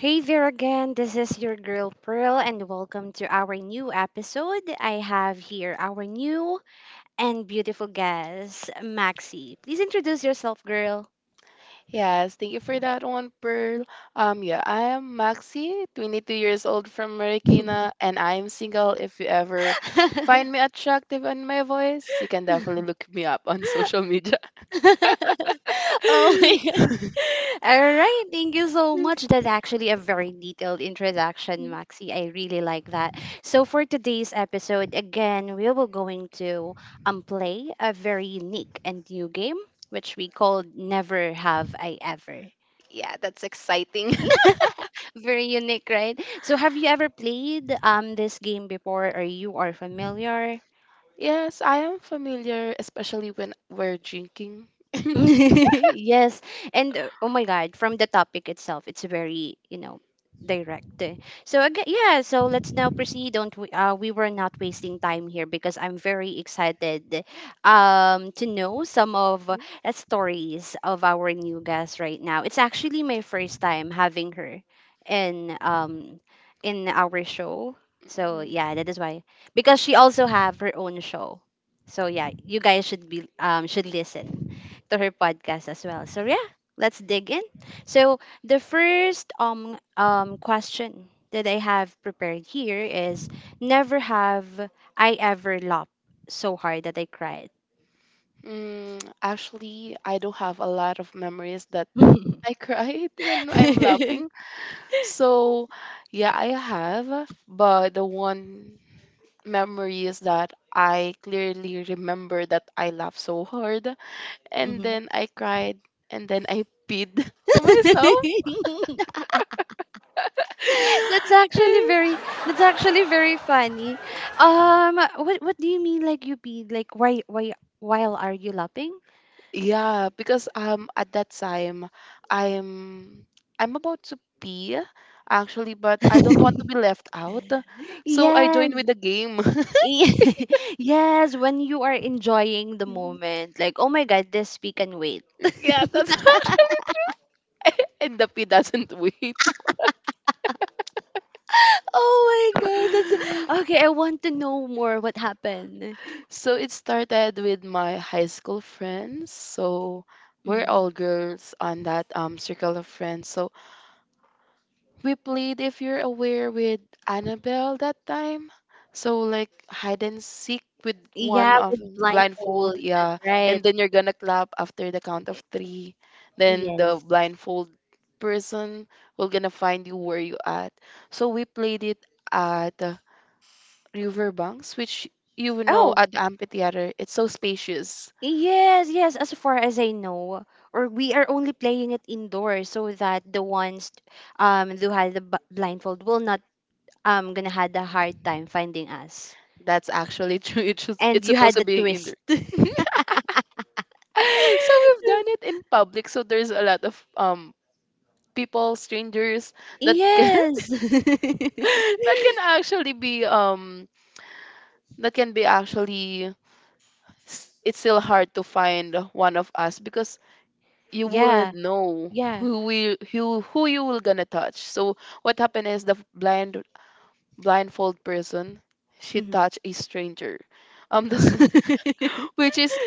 Hey there again, this is your girl Pearl, and welcome to our new episode. I have here our new and beautiful guest, Maxi. Please introduce yourself, girl. Yes, thank you for that one, Pearl. Yeah, I am Maxi, 22 years old from Marikina, and I am single. If you ever find me attractive and my voice, you can definitely look me up on social media. Oh my god. All right, thank you so much. That's actually a very detailed introduction, Maxi. I really like that. So for today's episode, again, we will going to play a very unique and new game, which we call Never Have I Ever. Yeah, that's exciting. Very unique, right? So have you ever played this game before, or you are familiar? Yes, I am familiar, especially when we're drinking. Yes, and oh my god, from the topic itself, it's very direct, eh. So again, yeah, so let's now proceed, don't we, we were not wasting time here because I'm very excited to know some of stories of our new guest. Right now it's actually my first time having her in um in our show. So Mhm. yeah, that is why, because she also have her own show. So yeah, you guys should listen to her podcast as well. So yeah, let's dig in. So the first question that I have prepared here is, never have I ever laughed so hard that I cried. Actually, I do have a lot of memories that I cried when I'm laughing. So, yeah, I have, but the one memory is that I clearly remember that I laughed so hard and Mhm. then I cried and then I peed to myself. Eh, That's actually very funny. What do you mean, like, you be like, why while are you lapping? yeah, because at that time I'm I'm about to pee actually, but I don't want to be left out. So I Yes. joined with the game. Yes, when you are enjoying the moment, like, oh my god, this, we can wait. Yeah, that's actually and the P doesn't wait. Oh my god, that's okay. I want to know more what happened. So it started with my high school friends. So we're Mhm. all girls on that circle of friends. So we played, if you're aware, with Annabelle that time. So like hide and seek with one Yeah, of with blindfold, blindfold, yeah. right? And then you're gonna clap after the count of three. Then the Yes. blindfold person will gonna find you where you at. So we played it at Riverbanks, which you would know Oh, at the amphitheater. It's so spacious. yes, yes. As far as I know, or we are only playing it indoors so that the ones who had the blindfold will not gonna had a hard time finding us. That's actually true. It's And you had supposed to the be twist. indoor. So we've done it in public, so there's a lot of people, strangers that can, Yes. that can actually be um that can be actually s- it's still hard to find one of us, because you Yeah. wouldn't know Yeah. who we who you will gonna touch. So what happened is, the blindfold person, she Hmm. touched a stranger, this which is,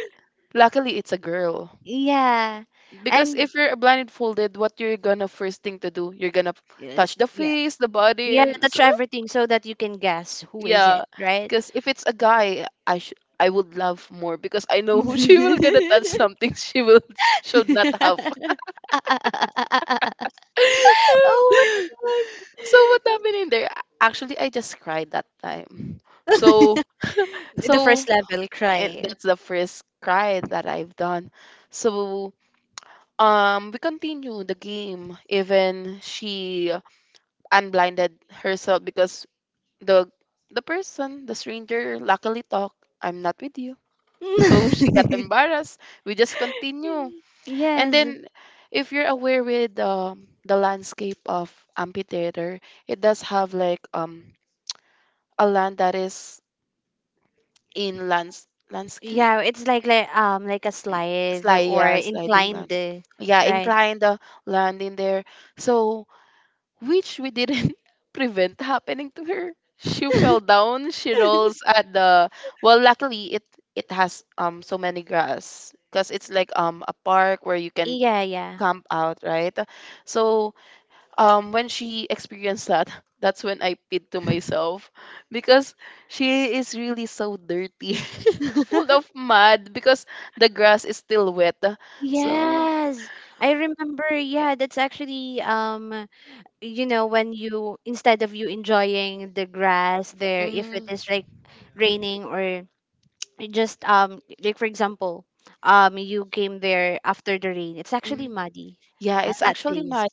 luckily, it's a girl, Yeah. because And if you're blindfolded, what you're gonna first thing to do, you're gonna touch the yeah. face, the body, Yeah, and touch so, everything so that you can guess who is it, yeah, right? because if it's a guy, I would love more, because I know who she will gonna touch something she will should not have. Oh my So what happened in there? Actually, I just cried that time. god. So The so first level and cry. that's the first cry that I've done. So we continue the game, even she unblinded herself, because the the person, the stranger, luckily talk, I'm not with you. So she got embarrassed. We just continue. And Yes. then, if you're aware with the landscape of amphitheater, it does have like a land that is in landscape. Yeah, it's like a slide Slide, or yeah, sliding land. inclined, Yeah, right? inclined the land in there. So, which we didn't prevent happening to her. She fell down, she rolls at the. Well, luckily, it has so many grass, because it's like a park where you can Yeah, yeah. camp out, right? So when she experienced that, that's when I pit to myself, because she is really so dirty, full of mud, because the grass is still wet. So. Yes, I remember. Yeah, that's actually when you, instead of you enjoying the grass there, if it Mhm. is like raining, or it just like, for example, you came there after the rain. It's actually Mm. muddy Yeah, at it's that actually place. mine.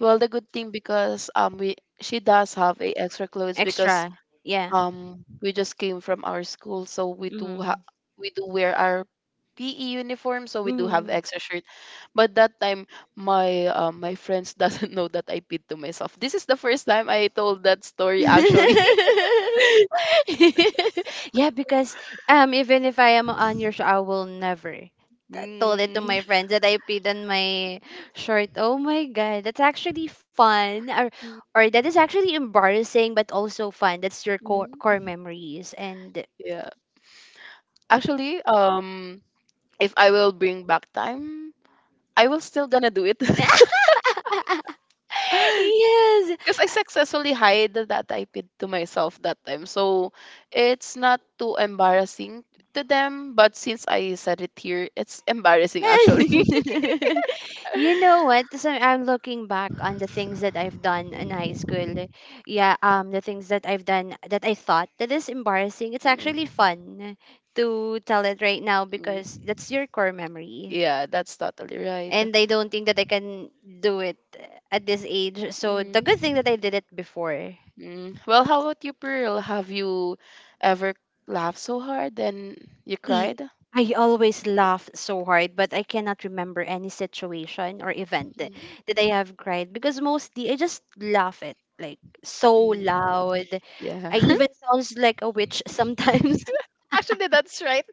Well, the good thing, because we she does have a extra clothes, because Extra. Yeah. We just came from our school, so Mm. we do wear our PE uniform, so we do have Mm. extra shirt. But that time, my friends doesn't know that I peed to myself. This is the first time I told that story actually. Yeah, because even if I am on your show, I will never told it to Mm. my friends that I peed on my shirt. Oh my god, that's actually fun, or that is actually embarrassing, but also fun. That's your core Mhm. memories. And Yeah. Actually, if I will bring back time, I will still gonna do it. Because yes, I successfully hid that I did to myself that time. So it's not too embarrassing to them. But since I said it here, it's embarrassing actually. you know what? So I'm looking back on the things that I've done in high school. Yeah, the things that I've done that I thought that is embarrassing. It's Mm, actually fun to tell it right now mm. because that's your core memory. Yeah, that's totally right. And I don't think that I can do it at this age. So Mm. the good thing that I did it before. Mm. Well, how about you, Pearl? Have you ever laughed so hard then you E- cried? I always laugh so hard, but I cannot remember any situation or event Mm. that I have cried because mostly I just laugh it like so Mm. loud. Yeah. I even sounds like a witch sometimes. Actually, that's right.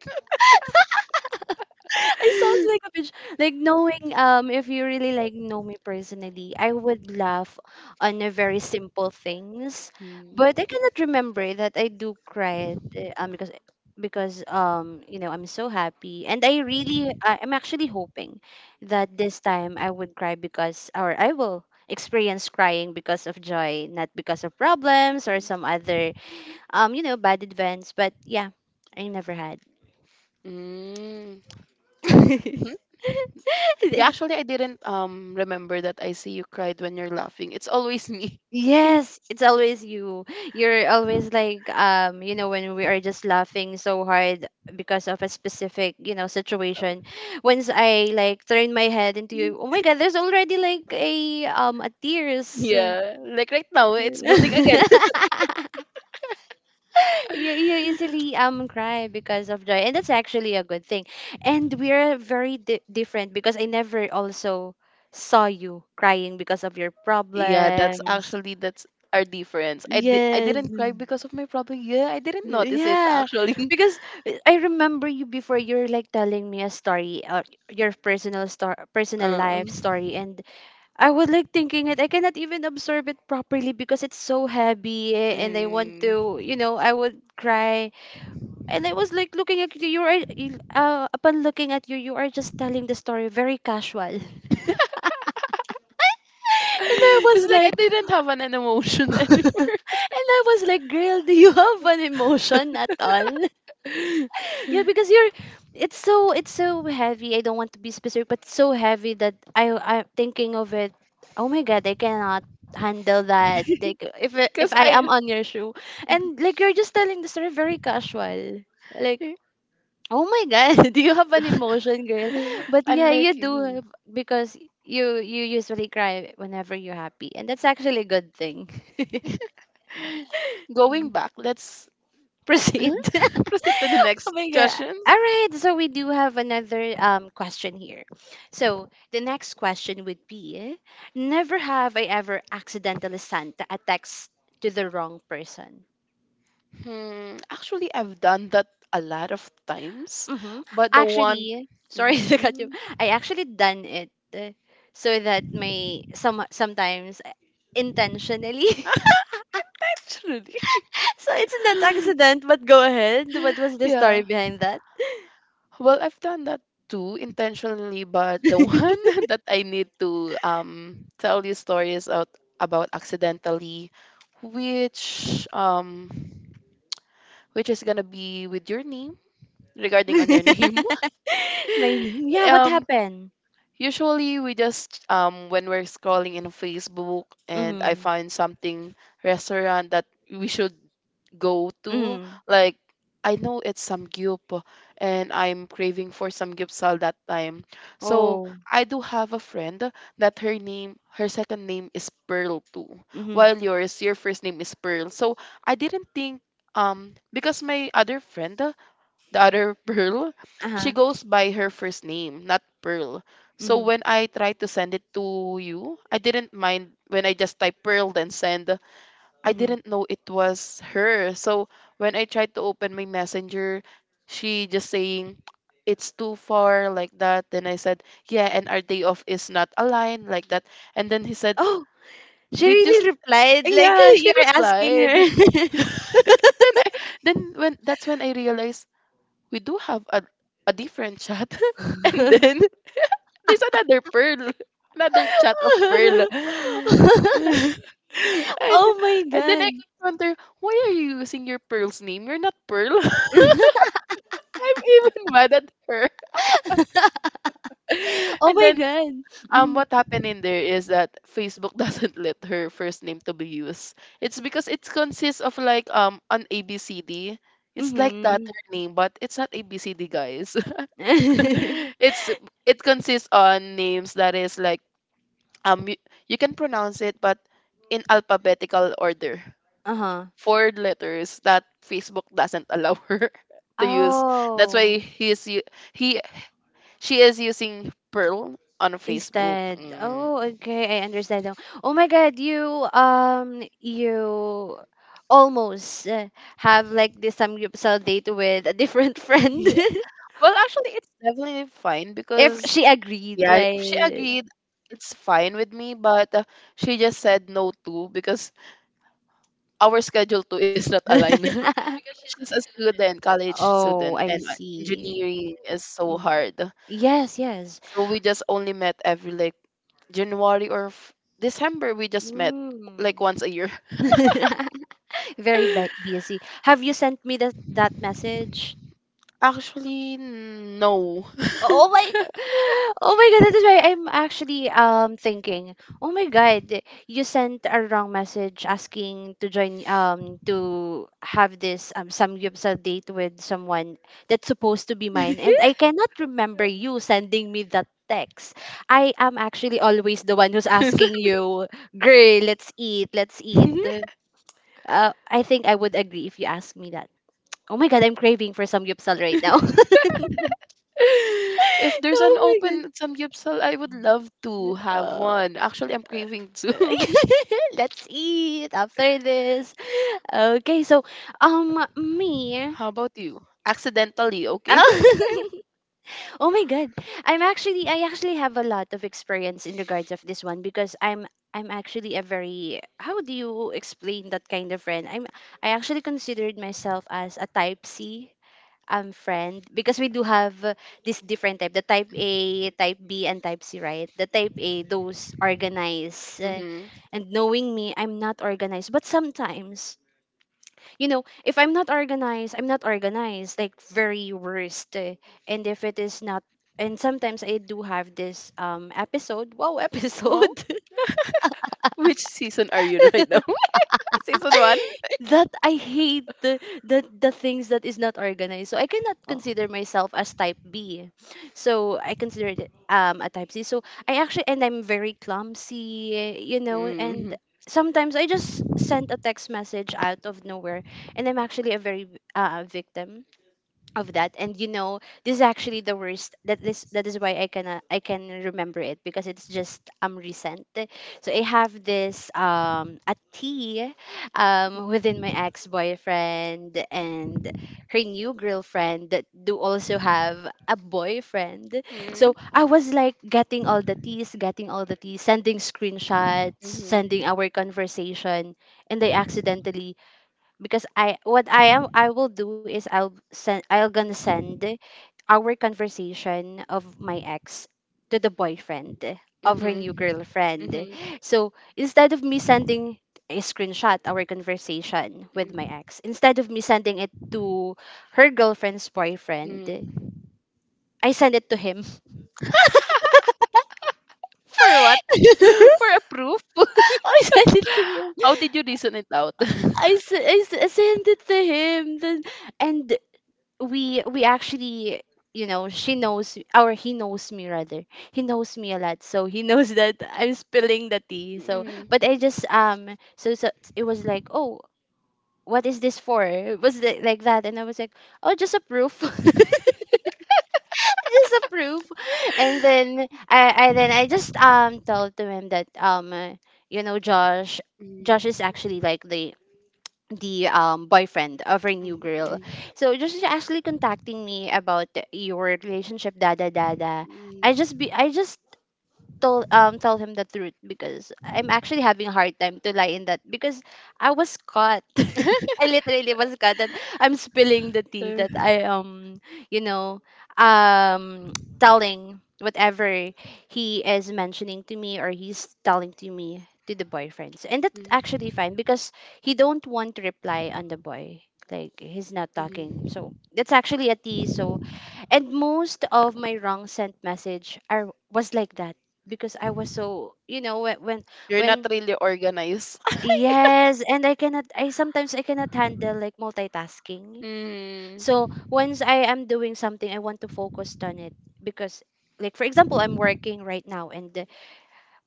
I sounds like a bitch. Like, knowing if you really like know me personally, I would laugh on a very simple things. Mm. Mm. But I cannot remember that I do cry, eh, because I'm so happy, and I'm actually hoping that this time I would cry, because, or I will experience crying, because of joy, not because of problems or some other bad events. But yeah, I never had. Mm. Yeah, it's actually, I didn't remember that I see you cried when you're laughing. It's always me. Yes, it's always you. You're always like, when we are just laughing so hard because of a specific, you know, No. situation. Once I like turn my head into you, oh my God, there's already like a tears. Yeah, like right now, it's building again. You easily cry because of joy, and that's actually a good thing. And we're very different because I never also saw you crying because of your Yeah, that's problems. actually, that's our difference. I Yes. didn't cry because of my problem. Yeah, I didn't notice it Yeah. actually. Because I remember you before, you're like telling me a story, or your personal Uh, life story, and I was like thinking it, I cannot even absorb it properly because it's so heavy, eh, and I want mm. to, I would cry, and I was like looking at you. You are upon looking at you, you are just telling the story very casual. And I It's was like I like, didn't have an emotion anymore. and I was like, girl, do you have an emotion at all? Yeah, because it's so heavy. I don't want to be specific, but so heavy that I'm thinking of it. Oh my god, I cannot handle that. Like, if Because I am I, on your shoe, and like, you're just telling the story very casual, like. Oh my God, do you have an emotion, girl? But yeah, unlike you do you. have, because you usually cry whenever you're happy, and that's actually a good thing. Going back, let's Proceed. proceed to the Oh next my God. questions. All right, so we do have another question here. So the next question would be: never have I ever accidentally sent a text to the wrong person. Actually, I've done that a lot of times, Mm-hmm. but the one, Actually, sorry to cut you. Mhm. I actually done it, so that my sometimes, intentionally. Actually, So it's not accident, but go ahead. What was the story yeah. behind that? Well, I've done that too intentionally, but the one that I need to tell you stories out about accidentally, which um which is gonna be with your name, regarding on your name. My name. Yeah, what Um, happened? usually, we just when we're scrolling in Facebook and I Mm-hmm. find something restaurant that we should go to, Mm-hmm. like I know it's samgyup and I'm craving for samgyupsal that time. So Oh. I do have a friend that her second name is Pearl too, Mm-hmm. while your first name is Pearl. So I didn't think um because my other friend, the other Pearl, she Uh-huh. goes by her first name, not Pearl. So Hmm. when I tried to send it to you, I didn't mind when I just typed Pearl then send. I Hmm. didn't know it was her. So when I tried to open my messenger, she just saying, it's too far, like that. Then I said, yeah, and our day off is not aligned, like that. And then he said, Oh, she did you really replied, like, yeah, she you're asking replied. her. Then I, then when, that's when I realized we do have a different chat and then there's another Pearl, another chat of Pearl, Oh my and then I god. wonder, why are you using your Pearl's name, you're not Pearl? I'm even mad at her. Oh And my then god. What happened in there is that Facebook doesn't let her first name to be used. It's because it consists of like an abcd. It's like that, Mm-hmm. her name, but it's not abcd, guys. it's it consists on names that is like um you, you can pronounce it, but in alphabetical order, Uh-huh. four letters that Facebook doesn't allow her to use. That's Oh. why he's u- he she is using Pearl on Facebook. Instead. Mm. Oh, okay. I understand now. Oh my God, you almost, have like this samgyeopsal date with a different friend. Yeah, well, actually, it's definitely fine, If because she agreed, yeah, if she right? agreed, it's fine with me, but she just said no to, because our schedule too is not aligned. She's a student, college Oh, student, I and see. engineering is so Mm. hard. Yes, yes. So we just only met every like January or December. We just met Mm. like once a year. Very busy. Have you sent me that message? Actually, no. Oh my, oh my god, that is why I'm actually thinking. Oh my god, you sent a wrong message asking to join to have this samgyeopsal date with someone that's supposed to be mine, and I cannot remember you sending me that text. I am actually always the one who's asking you, girl, let's eat, let's eat. I think I would agree if you ask me that. Oh my god, I'm craving for some gyupsal right now. If there's an Oh my open samgyupsal, I would love to have god. one. Actually, I'm craving Uh, too. let's eat after this. Okay, so me. How about you? Accidentally, okay? Oh my god. I actually have a lot of experience in regards of this one, because I'm actually a very, how do you explain, that kind of friend? I actually considered myself as a type C friend, because we do have, this different type, the type A, type B, and type C, right? The type A, those organized. Mm-hmm. And knowing me, I'm not organized, but sometimes, you know, if I'm not organized, I'm not organized like very worst, and if it is not, and sometimes I do have this episode, wow, Oh, episode which season are you in right now? Season one? that I hate the things that is not organized. So I cannot Oh. consider myself as type B. So I consider it a type C. So I actually, and I'm very clumsy, you know, Mm-hmm. and sometimes I just send a text message out of nowhere, and I'm actually a very, victim of that. And you know, this is actually the worst, that is why I can, remember it because it's just recent. So I have this a tea, within my ex-boyfriend and her new girlfriend that do also have a boyfriend. So Mm. I was like getting all the teas, getting all the teas, sending screenshots, Mhm. sending our conversation, and I accidentally, because I will do is, I'll gonna send our conversation of my ex to the boyfriend of her new Mhm. girlfriend. Mhm. So instead of me sending a screenshot our conversation with my ex, instead of me sending it to her girlfriend's boyfriend, Mhm. I send it to him. For what? I For a proof? send it to him. How did you reason it out? I send it to him. Then, and we actually she knows, or he knows me rather. He knows me a lot, so he knows that I'm spilling the tea. So Mm. but I just it was like, oh, what is this for? It was like that, and I was like, oh, just a proof. Just a proof. And then I then I just told to him that you know, Josh, Mm. Josh is actually like the boyfriend of her new girl. Mm. So just actually contacting me about your relationship, da da da da. Mm. Mm. I just told tell him the truth because I'm actually having a hard time to lie in that because I was caught. I literally was caught that I'm spilling the tea, Uh, that I you know, um telling whatever he is mentioning to me, or he's telling to me, to the boyfriends. And that's actually fine because he don't want to reply on the boy. Like, he's not mm, talking, so mhm. that's actually a tea. So and most of my wrong sent message are was like that because I was so, you know, when You're not when really organized. yes. And I cannot, I sometimes I cannot handle like multitasking. Mm. So once I am doing something, I want to focus on it because, like, for example, I'm working right now and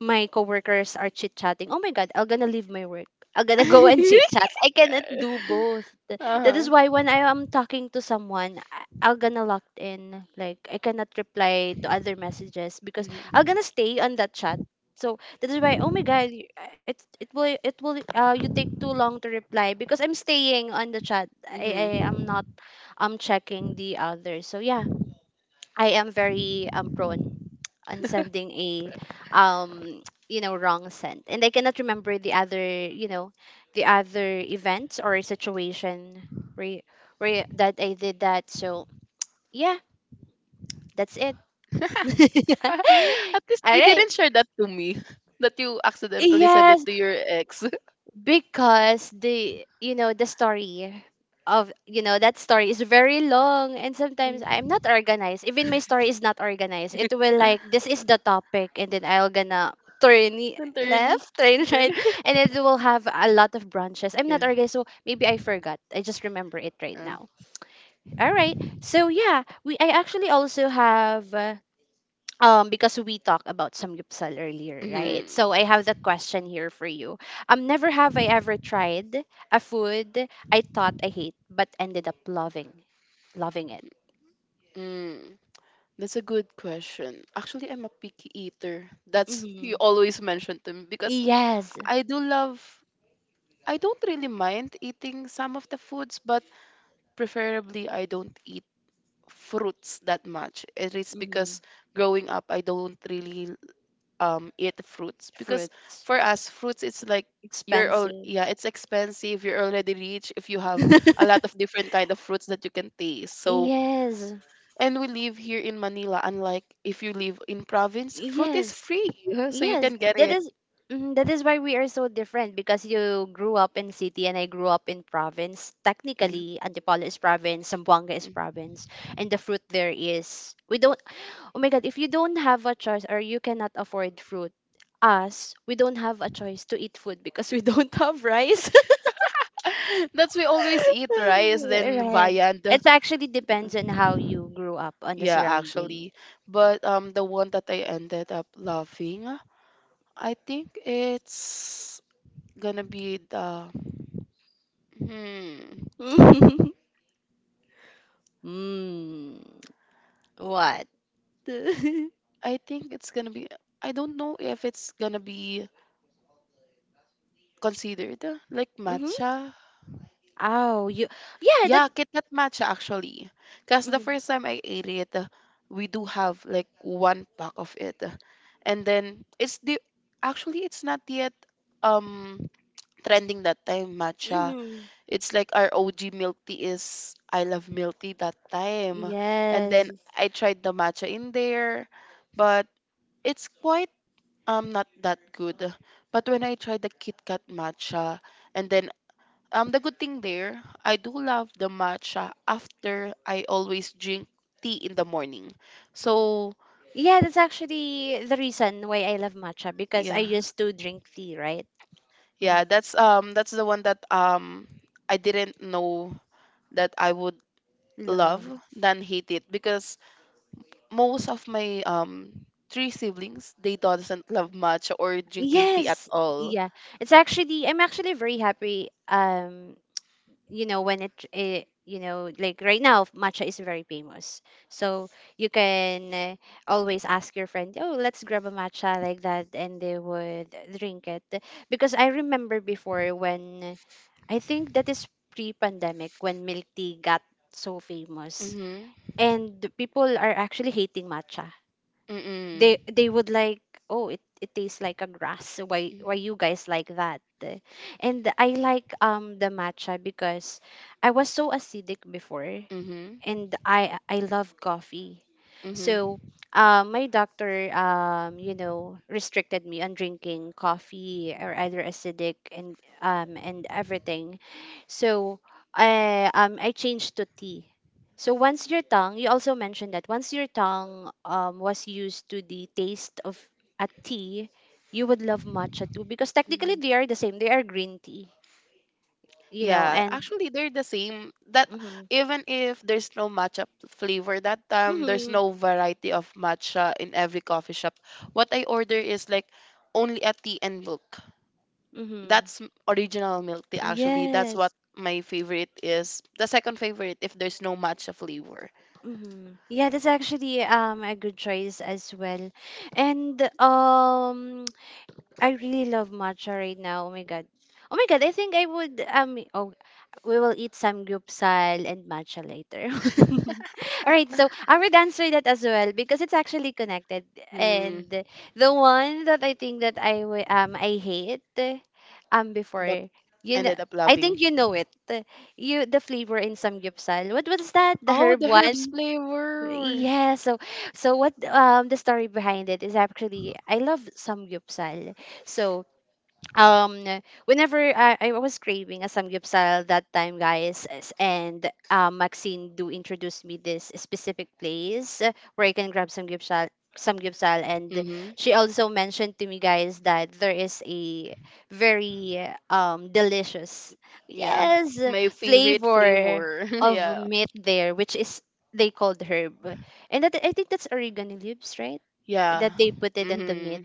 my coworkers are chit chatting. Oh my god, I'm gonna leave my work. I'm gonna go and chit chat. I cannot do both. That Uh-huh. is why, when I am talking to someone, I'm gonna locked in. Like, I cannot reply to other messages because I'm Mhm. gonna stay on that chat. So that is why. Oh my god, it will, it will you take too long to reply because I'm staying on the chat. I am Mhm. not, I'm checking the others. So yeah, I am very prone on sending a um you know, wrong scent. And I cannot remember the other, you know, the other events or situation where that I did that. So yeah, that's it. At least All you right, didn't share that to me that you accidentally send it yes, to your ex. because the you know, the story of, you know, that story is very long. And sometimes I'm not organized. Even my story is not organized. It will, like, this is the topic, and then I'll gonna turn And turn left, turn then right. And it will have a lot of branches. I'm not yeah. organized, so maybe I forgot, I just remember it right Yeah. now. All right. So yeah, we I actually also have because we talked about samgyeopsal earlier, right? Mhm. So I have the question here for you. Never have I ever tried a food I thought I hate but ended up loving it. Mm. That's a good question. Actually, I'm a picky eater. That's Hmm. you always mention to me, because Yes. I do love I don't really mind eating some of the foods, but preferably I don't eat fruits that much. It is Hmm. because growing up I don't really eat fruits, because Fruits for us fruits, it's like, you're all, expensive. yeah, it's expensive, you're already rich if you have a lot of different kind of fruits that you can taste, so. Yes. And we live here in Manila, unlike if you live in province, fruit is Yes. free. Yeah, so you Yes. can get That it, is, mhm, that is why we are so different, because you grew up in city and I grew up in province. yeah. Technically, Antipolo is province, Zamboanga is province, and the fruit there is, we don't, oh my god, if you don't have a choice or you cannot afford fruit, us, we don't have a choice to eat food because we don't have rice. That's, we always eat rice then Right. viand. It actually depends on how you grew up on the Yeah, surrounding. actually, but the one that I ended up loving, I think it's gonna be the. Hmm. Mm. What? Mhm. I think it's gonna be, I don't know if it's gonna be considered like matcha. Oh, you. Yeah, that. Yeah, Kit Kat matcha, actually. Cause the Mhm. first time I ate it, we do have like one pack of it, and then it's the actually it's not yet um trending that time, matcha. Mhm. It's like our OG milk tea is, I love milk tea that time. And then Yes. I tried the matcha in there, but it's quite not that good. But when I tried the Kit Kat matcha and then the good thing there, I do love the matcha after. I always drink tea in the morning. So Yeah, that's actually the reason why I love matcha, because I yeah. used to drink tea, right? Yeah, Mhm. that's the one that I didn't know that I would love Love. than hate it, because most of my three siblings, they doesn't love matcha or drinking tea at Yes. all. Yeah. It's actually, I'm actually very happy you know, when it, you know, like right now matcha is very famous. So you can always ask your friend, oh, let's grab a matcha, like that, and they would drink it. Because I remember before, when I think that is pre-pandemic, when milk tea got so famous, Mhm. and people are actually hating matcha. They Mm. Would like, oh, it tastes like a grass, so why you guys like that? And I like the matcha because I was so acidic before. Mhm. Mhm. And I love coffee. So, Mhm. My doctor, you know, restricted me on drinking coffee, or either acidic, and and everything. So, I changed to tea. So once your tongue, you also mentioned that once your tongue was used to the taste of a tea, you would love matcha too, Mhm. because technically they are the same. They are green tea, you know, Yeah, and. actually, they're the same. That Mhm. even if there's no matcha flavor that time, there's Mhm. no variety of matcha in every coffee shop. What I order is like only a tea and milk. Mm-hmm. That's original milk tea actually. That's what Yes. my favorite is. The second favorite if there's no matcha flavor. Mm-hmm. Yeah, that's actually a good choice as well. And I really love matcha right now. Oh my god. Oh my god, I think I would oh, we will eat samgyeopsal and matcha later. All right, so I would answer that as well because it's actually connected. Mm, And the one that I think that I hate before, but you know, ended up I loving. think you know it. You, the flavor in samgyeopsal. What was that? The Oh, herb the herbs one? flavor. Yeah, so so what the story behind it is, actually I love samgyeopsal. So um whenever I was craving a samgyeopsal that time, guys, and Maxine do introduce me this specific place where I can grab samgyeopsal. And Mm-hmm. she also mentioned to me, guys, that there is a very delicious Yeah. yes My favorite flavor flavor. of yeah. meat there, which is they called herb. And that, I think that's oregano leaves, right, Yeah. that they put it in the meat. Mm-hmm.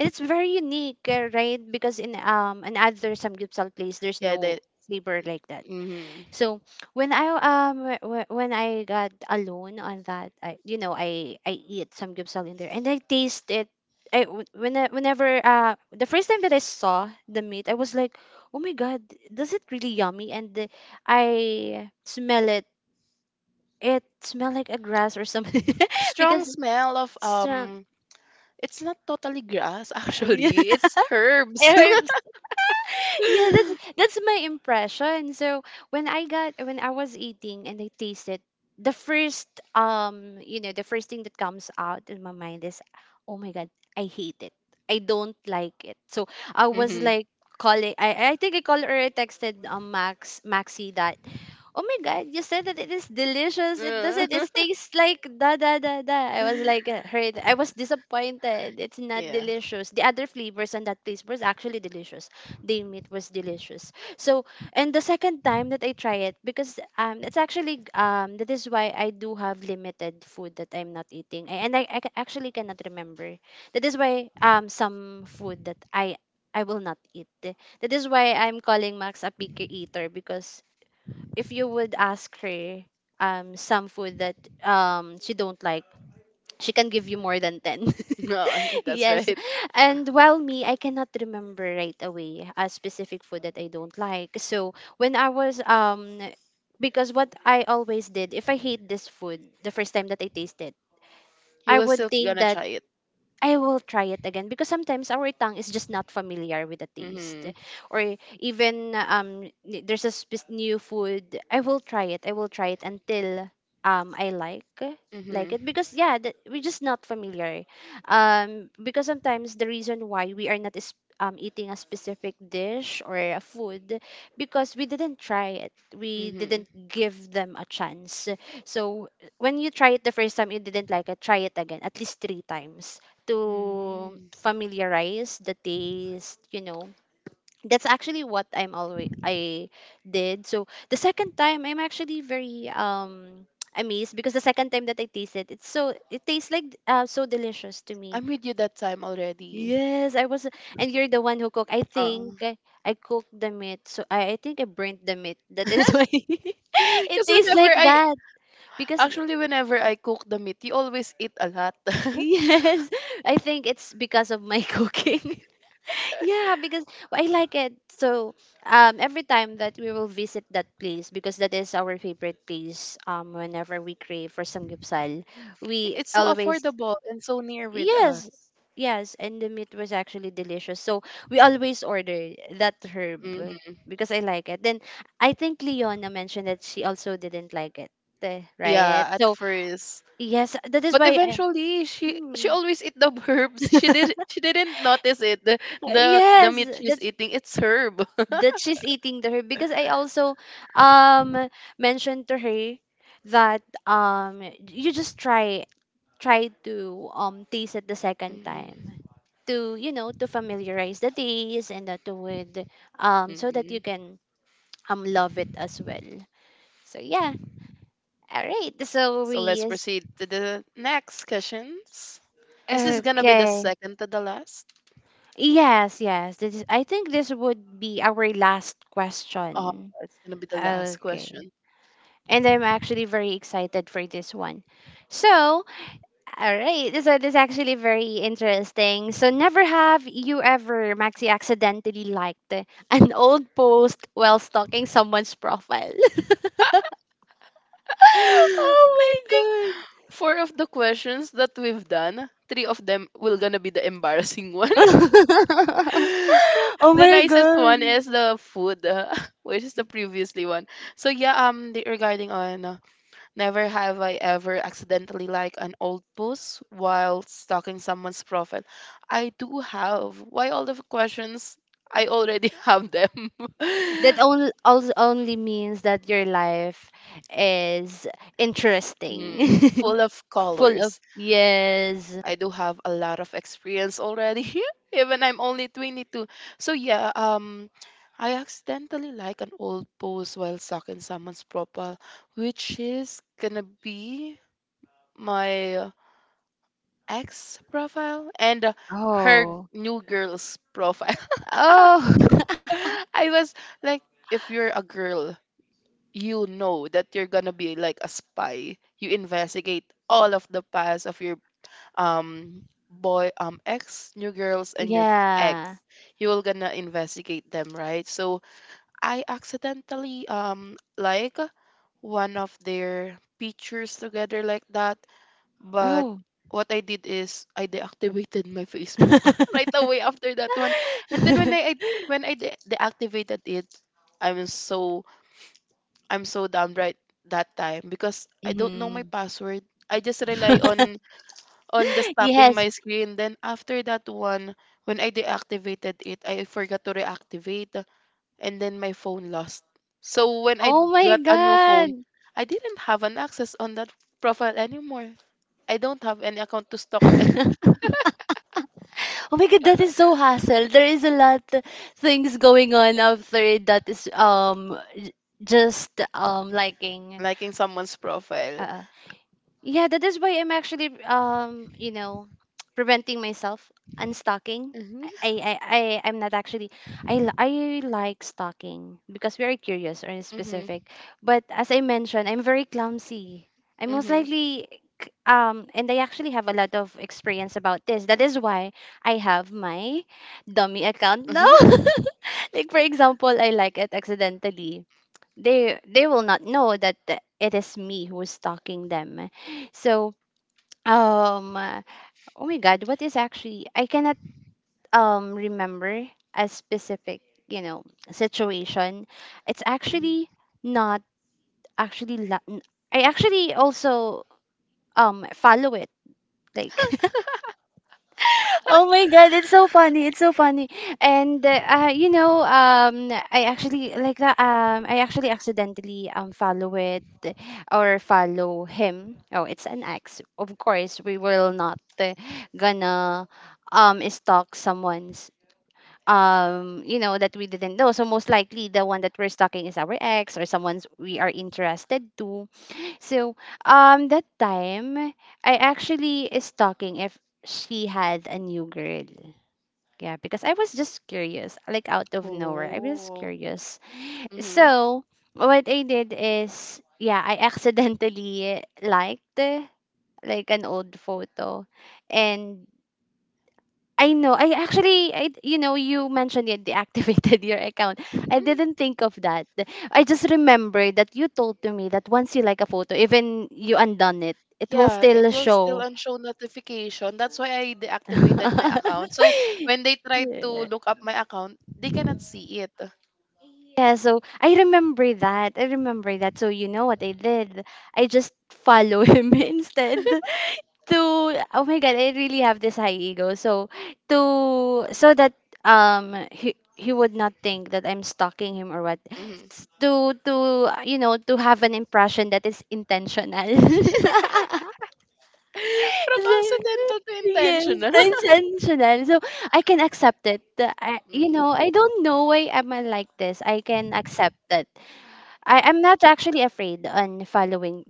It's very unique, right? Because in other samgyeopsal place, there's Yeah, no that flavor like that. mm-hmm. So when when I got alone on that, I you know, I eat samgyeopsal in there and I taste it. When whenever the first time that I saw the meat, I was like, oh my god, does it really yummy? I smell it. It smell like a grass or something Strong because smell of it's, it's not totally grass actually. It's herbs. yeah. Yeah, that's my impression. So when I got when I was eating and I tasted the first you know, the first thing that comes out in my mind is, oh my god, I hate it, I don't like it. So I was Mm-hmm. like calling, I think I called, or I texted Max, Maxi, that, oh my god, you said that it is delicious, it Uh, doesn't, it tastes like da da da da. I was like, hurt, I was disappointed. It's not yeah. delicious. The other flavors on that place was actually delicious. They meat was delicious. So, and the second time that I try it, because it's actually that is why I do have limited food that I'm not eating, and actually cannot remember. That is why some food that I will not eat. That is why I'm calling Max a picky eater because if you would ask her some food that she don't like, she can give you more than ten. No, that's Yes. right. And while me, I cannot remember right away a specific food that I don't like. So when I was because what I always did, if I hate this food the first time that I taste it, He I was would still think gonna that try it. I will try it again because sometimes our tongue is just not familiar with the taste. Mhm. Or even there's a new food, I will try it. I will try it until I like Mhm. it, because yeah, we're just not familiar, because sometimes the reason why we are not is eating a specific dish or a food because we didn't try it, we Mhm. didn't give them a chance. So when you try it the first time, you didn't like it, try it again at least three times to Mhm. familiarize the taste, you know. That's actually what I'm always I did. So the second time, I'm actually very amazed, because the second time that I taste it, it's so, it tastes like so delicious to me. I'm with you that time already. Yes, I was, and you're the one who cooked. I cooked the meat, so I think I burnt the meat. That is why it Because tastes whenever like I, that because Actually, whenever I cook the meat, you always eat a lot. yes, I think it's because of my cooking. Yeah, because I like it. So every time that we will visit that place, because that is our favorite place. Whenever we crave for samgyeopsal, we It's so always affordable and so near with us. yes, yes, and the meat was actually delicious. So we always order that herb Mm-hmm. because I like it. Then I think Leona mentioned that she also didn't like it, eh, right? Yeah, at So first. yes, that is But why I. eventually, she Mm. she always eat the herbs. She did she didn't notice it. The Yes, meat she's that's eating, it's herb. that she's eating the herb because I also um mentioned to her that you just try to taste it the second Mm, time to, you know, to familiarize the taste, and that with so that you mm. can love it as well. So yeah, all right. So So let's proceed to the next questions. This is gonna be the okay. second to the last? Yes, yes. This is, I think this would be our last Oh, question. it's gonna be the last Okay. question. And I'm actually very excited for this one. So, all right. So this is actually very interesting. So, never have you ever, Maxi, accidentally liked an old post while stalking someone's profile. I Oh think my four of the questions that we've done, three of them will gonna be the embarrassing one. god. Oh The my nicest god. one is the food, which is the previously one. So yeah, the, regarding on never have I ever accidentally like an old post while stalking someone's profile. I do have. Why all the questions? I already have them. that only only means that your life is Mm, interesting full of full of colors. yes. I do have a lot of experience already, even I'm only 22. So yeah, I accidentally like an old post while stalking someone's profile, which is gonna be my ex profile and her Oh, new girl's profile. oh I was like, if you're a girl, you know that you're gonna be like a spy. You investigate all of the past of your um boy ex new girls and your ex, yeah, you will gonna investigate them, right? So I accidentally like one of their pictures together like that. But oh. what I did is I deactivated my Facebook right away after that one. And then when I- when I de- deactivated it, i'm so I'm so downright that time because I don't know my Mhm. password. I just rely on just tapping Yes. my screen. Then after that one, when I deactivated it, I forgot to reactivate, and then my phone lost. So when I Oh my got a new phone, god. I didn't have an access on that profile anymore. I don't have any account to stalk. Oh my god, that is so hassle. There is a lot things going on after that is just liking. Liking someone's profile. Yeah, that is why I'm actually preventing myself unstocking. Mhm. I'm not actually I like stalking because we are curious or Mhm. specific. But as I mentioned, I'm very clumsy. I most Mhm. likely and I actually have a lot of experience about this. That is why I have my dummy account now. Like for example, I like it accidentally, they will not know that it is me who's talking them, so um uh, oh my god, what is actually I cannot remember a specific, you know, situation. It's Mhm. actually not actually I actually also follow it, like. Oh my god, it's so funny. It's so funny. And you know, I actually like that I actually accidentally follow it or follow him. Oh, it's an ex. Of course, we will not gonna stalk someone's, you know, that we didn't know. So most likely the one that we're stalking is our ex or someone's we are interested to. So that time I actually is stalking if she had a new girl. Yeah, because I was just curious, like out of nowhere. I was Oh. curious. Mhm. So what I did is, yeah, I accidentally liked like an old photo, and I know I actually, I, you know, you mentioned you deactivated your account. I Mhm. didn't think of that. I just remembered that you told to me that once you like a photo, even you undone it, it will Yeah, it still will still show. on show notification. That's why I deactivated my account. So when they tried to Yeah. look up my account, they cannot see it. Yeah, so I remember that. I remember that. So you know what I did? I just follow him instead. To Oh my god, I really have this high ego. So to so that he would not think that I'm stalking him or what. Mhm. To you know, to have an impression that is intentional. From So- accidental to Yes, intentional. intentional. So I can accept it. I, you Mm, know, I don't know why am I like this. I can accept it. I'm not actually afraid on following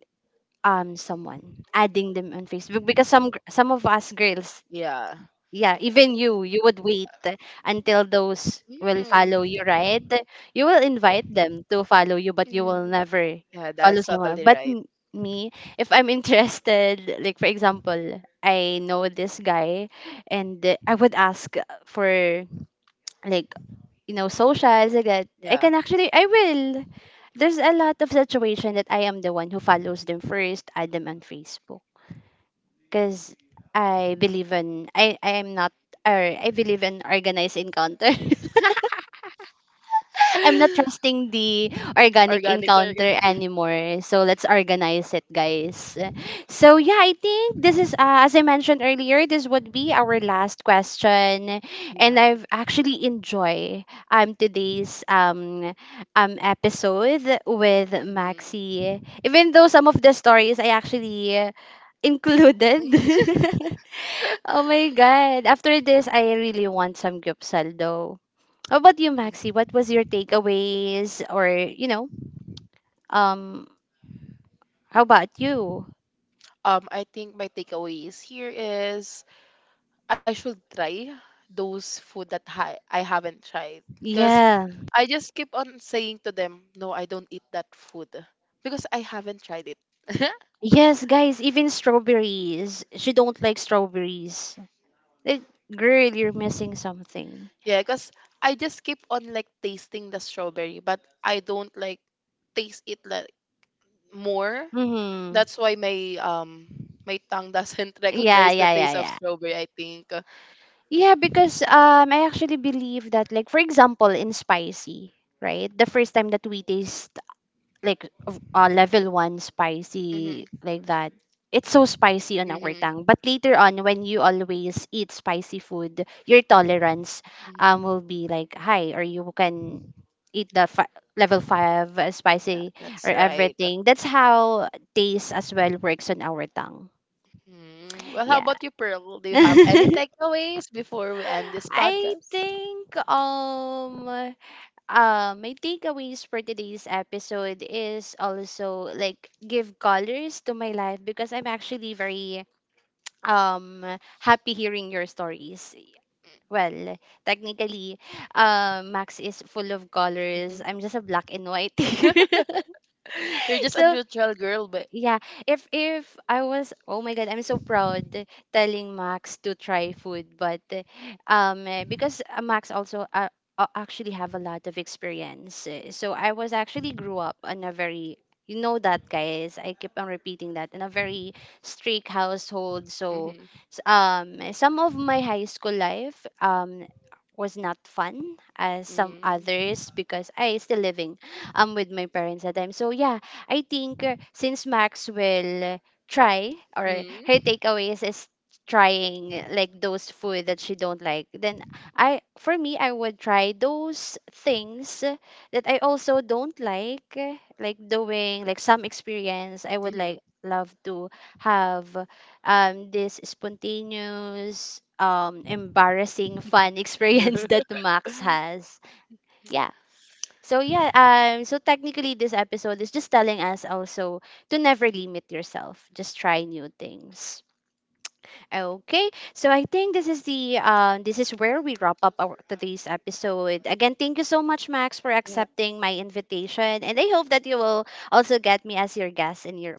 someone, adding them on Facebook because some of us girls, yeah. yeah, even you, you would wait until those will Mm. follow you, right? You will invite them to follow you, but you Mm. will never Yeah, follow that's someone. totally right. Me, if I'm interested, like for example, I know this guy, and I would ask for, like, you know, socials. I Yeah. can actually, I will, there's a lot of situation that I am the one who follows them first, add them on Facebook because I believe in I am not, or I believe in organized encounter. I'm not trusting the organic Organic. Encounter anymore. So let's organize it, guys. So yeah, I think this is as I mentioned earlier, this would be our last question, and Yeah. I've actually enjoy today's episode with Maxi. Mm-hmm. Even though some of the stories I actually included. Oh my god! After this, I really want some gyupsal though. How about you, Maxi? What was your takeaways or, you know, um how about you? I think my takeaways here is I should try those food that I haven't tried. Because Yeah. I just keep on saying to them, no, I don't eat that food because I haven't tried it. Yes, guys, even strawberries. She don't like strawberries. Like, girl, you're missing something. Yeah, because I just keep on like tasting the strawberry, but I don't like taste it like more. Mhm. That's why my tongue doesn't Yeah, recognize the yeah, taste yeah, of yeah. strawberry, I think. Yeah, because I actually believe that, like for example, in spicy, right? The first time that we taste like level one spicy Mm-hmm. like that. It's so spicy on our Mm-hmm. tongue. But later on, when you always eat spicy food, your tolerance will be like high, or you can eat level five Yeah, spicy or that's right. everything. That's how taste as well works on our tongue. Mm. Well, how Yeah. about you, Pearl? Do you have any takeaways before we end this I podcast? think my takeaways for today's episode is also like give colors to my life because I'm actually very um happy hearing your stories. Well, technically, Max is full of Mm-hmm. colors. I'm just a black and white. You're just a So neutral girl, but. yeah, if I was, oh my god, I'm so proud telling Max to try food, but because Max also actually have a lot of experience. So I was actually grew up on a very, you know, that guys, I keep on repeating that, in a very strict household. Mm-hmm. So Mm. Some of my high school life was not fun as some Mm. others because I still living with my parents at the time. So yeah, I think since Max will try, or her takeaways is trying, like, those food that she don't like, then I, for me, I would try those things that I also don't like doing like some experience. I would Mm-hmm. like love to have this spontaneous embarrassing fun experience that Max has. Yeah, so yeah, so technically this episode is just telling us also to never limit yourself. Just try new things. Okay, so I think this is the this is where we wrap up our today's episode. Again, thank you so much, Max, for Yeah, accepting my invitation, and I hope that you will also get me as your guest in your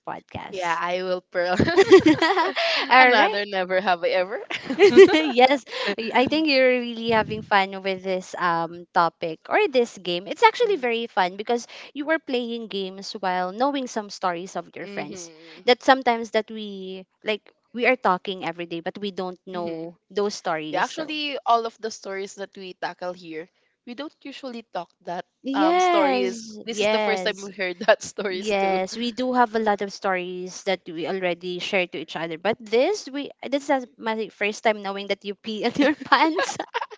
yeah, podcast. I will pearl. All right. Another never have I ever. Yes, I think you're really having fun with this topic or this game. It's actually very fun because you are playing games while knowing some stories of your friends, Mm-hmm. that sometimes that we like, we are talking every day, but we don't Mhm. know those Yeah, stories. So actually, all of the stories that we tackle here, we don't usually talk that stories. yes, This is the first time yes. we heard that stories too. Yes, we do have a lot of stories that we already share to each other. But this, we this is my first time knowing that you pee in your pants.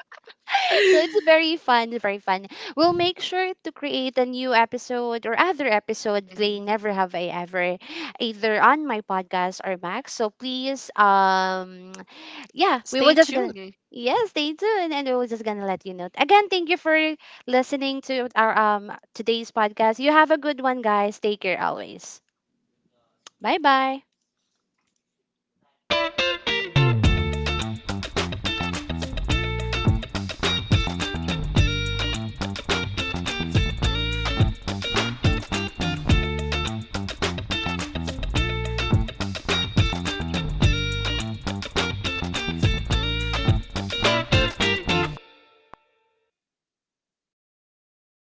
So it's very fun, very fun. We'll make sure to create a new episode or other episode, they Mhm. never have I ever, either on my podcast or Max. So please yeah, we will Stay just gonna — tuned. yes, stay tuned, and we will just gonna let you know. Again, thank you for listening to our today's podcast. You have a good one, guys. Take care always. Bye bye.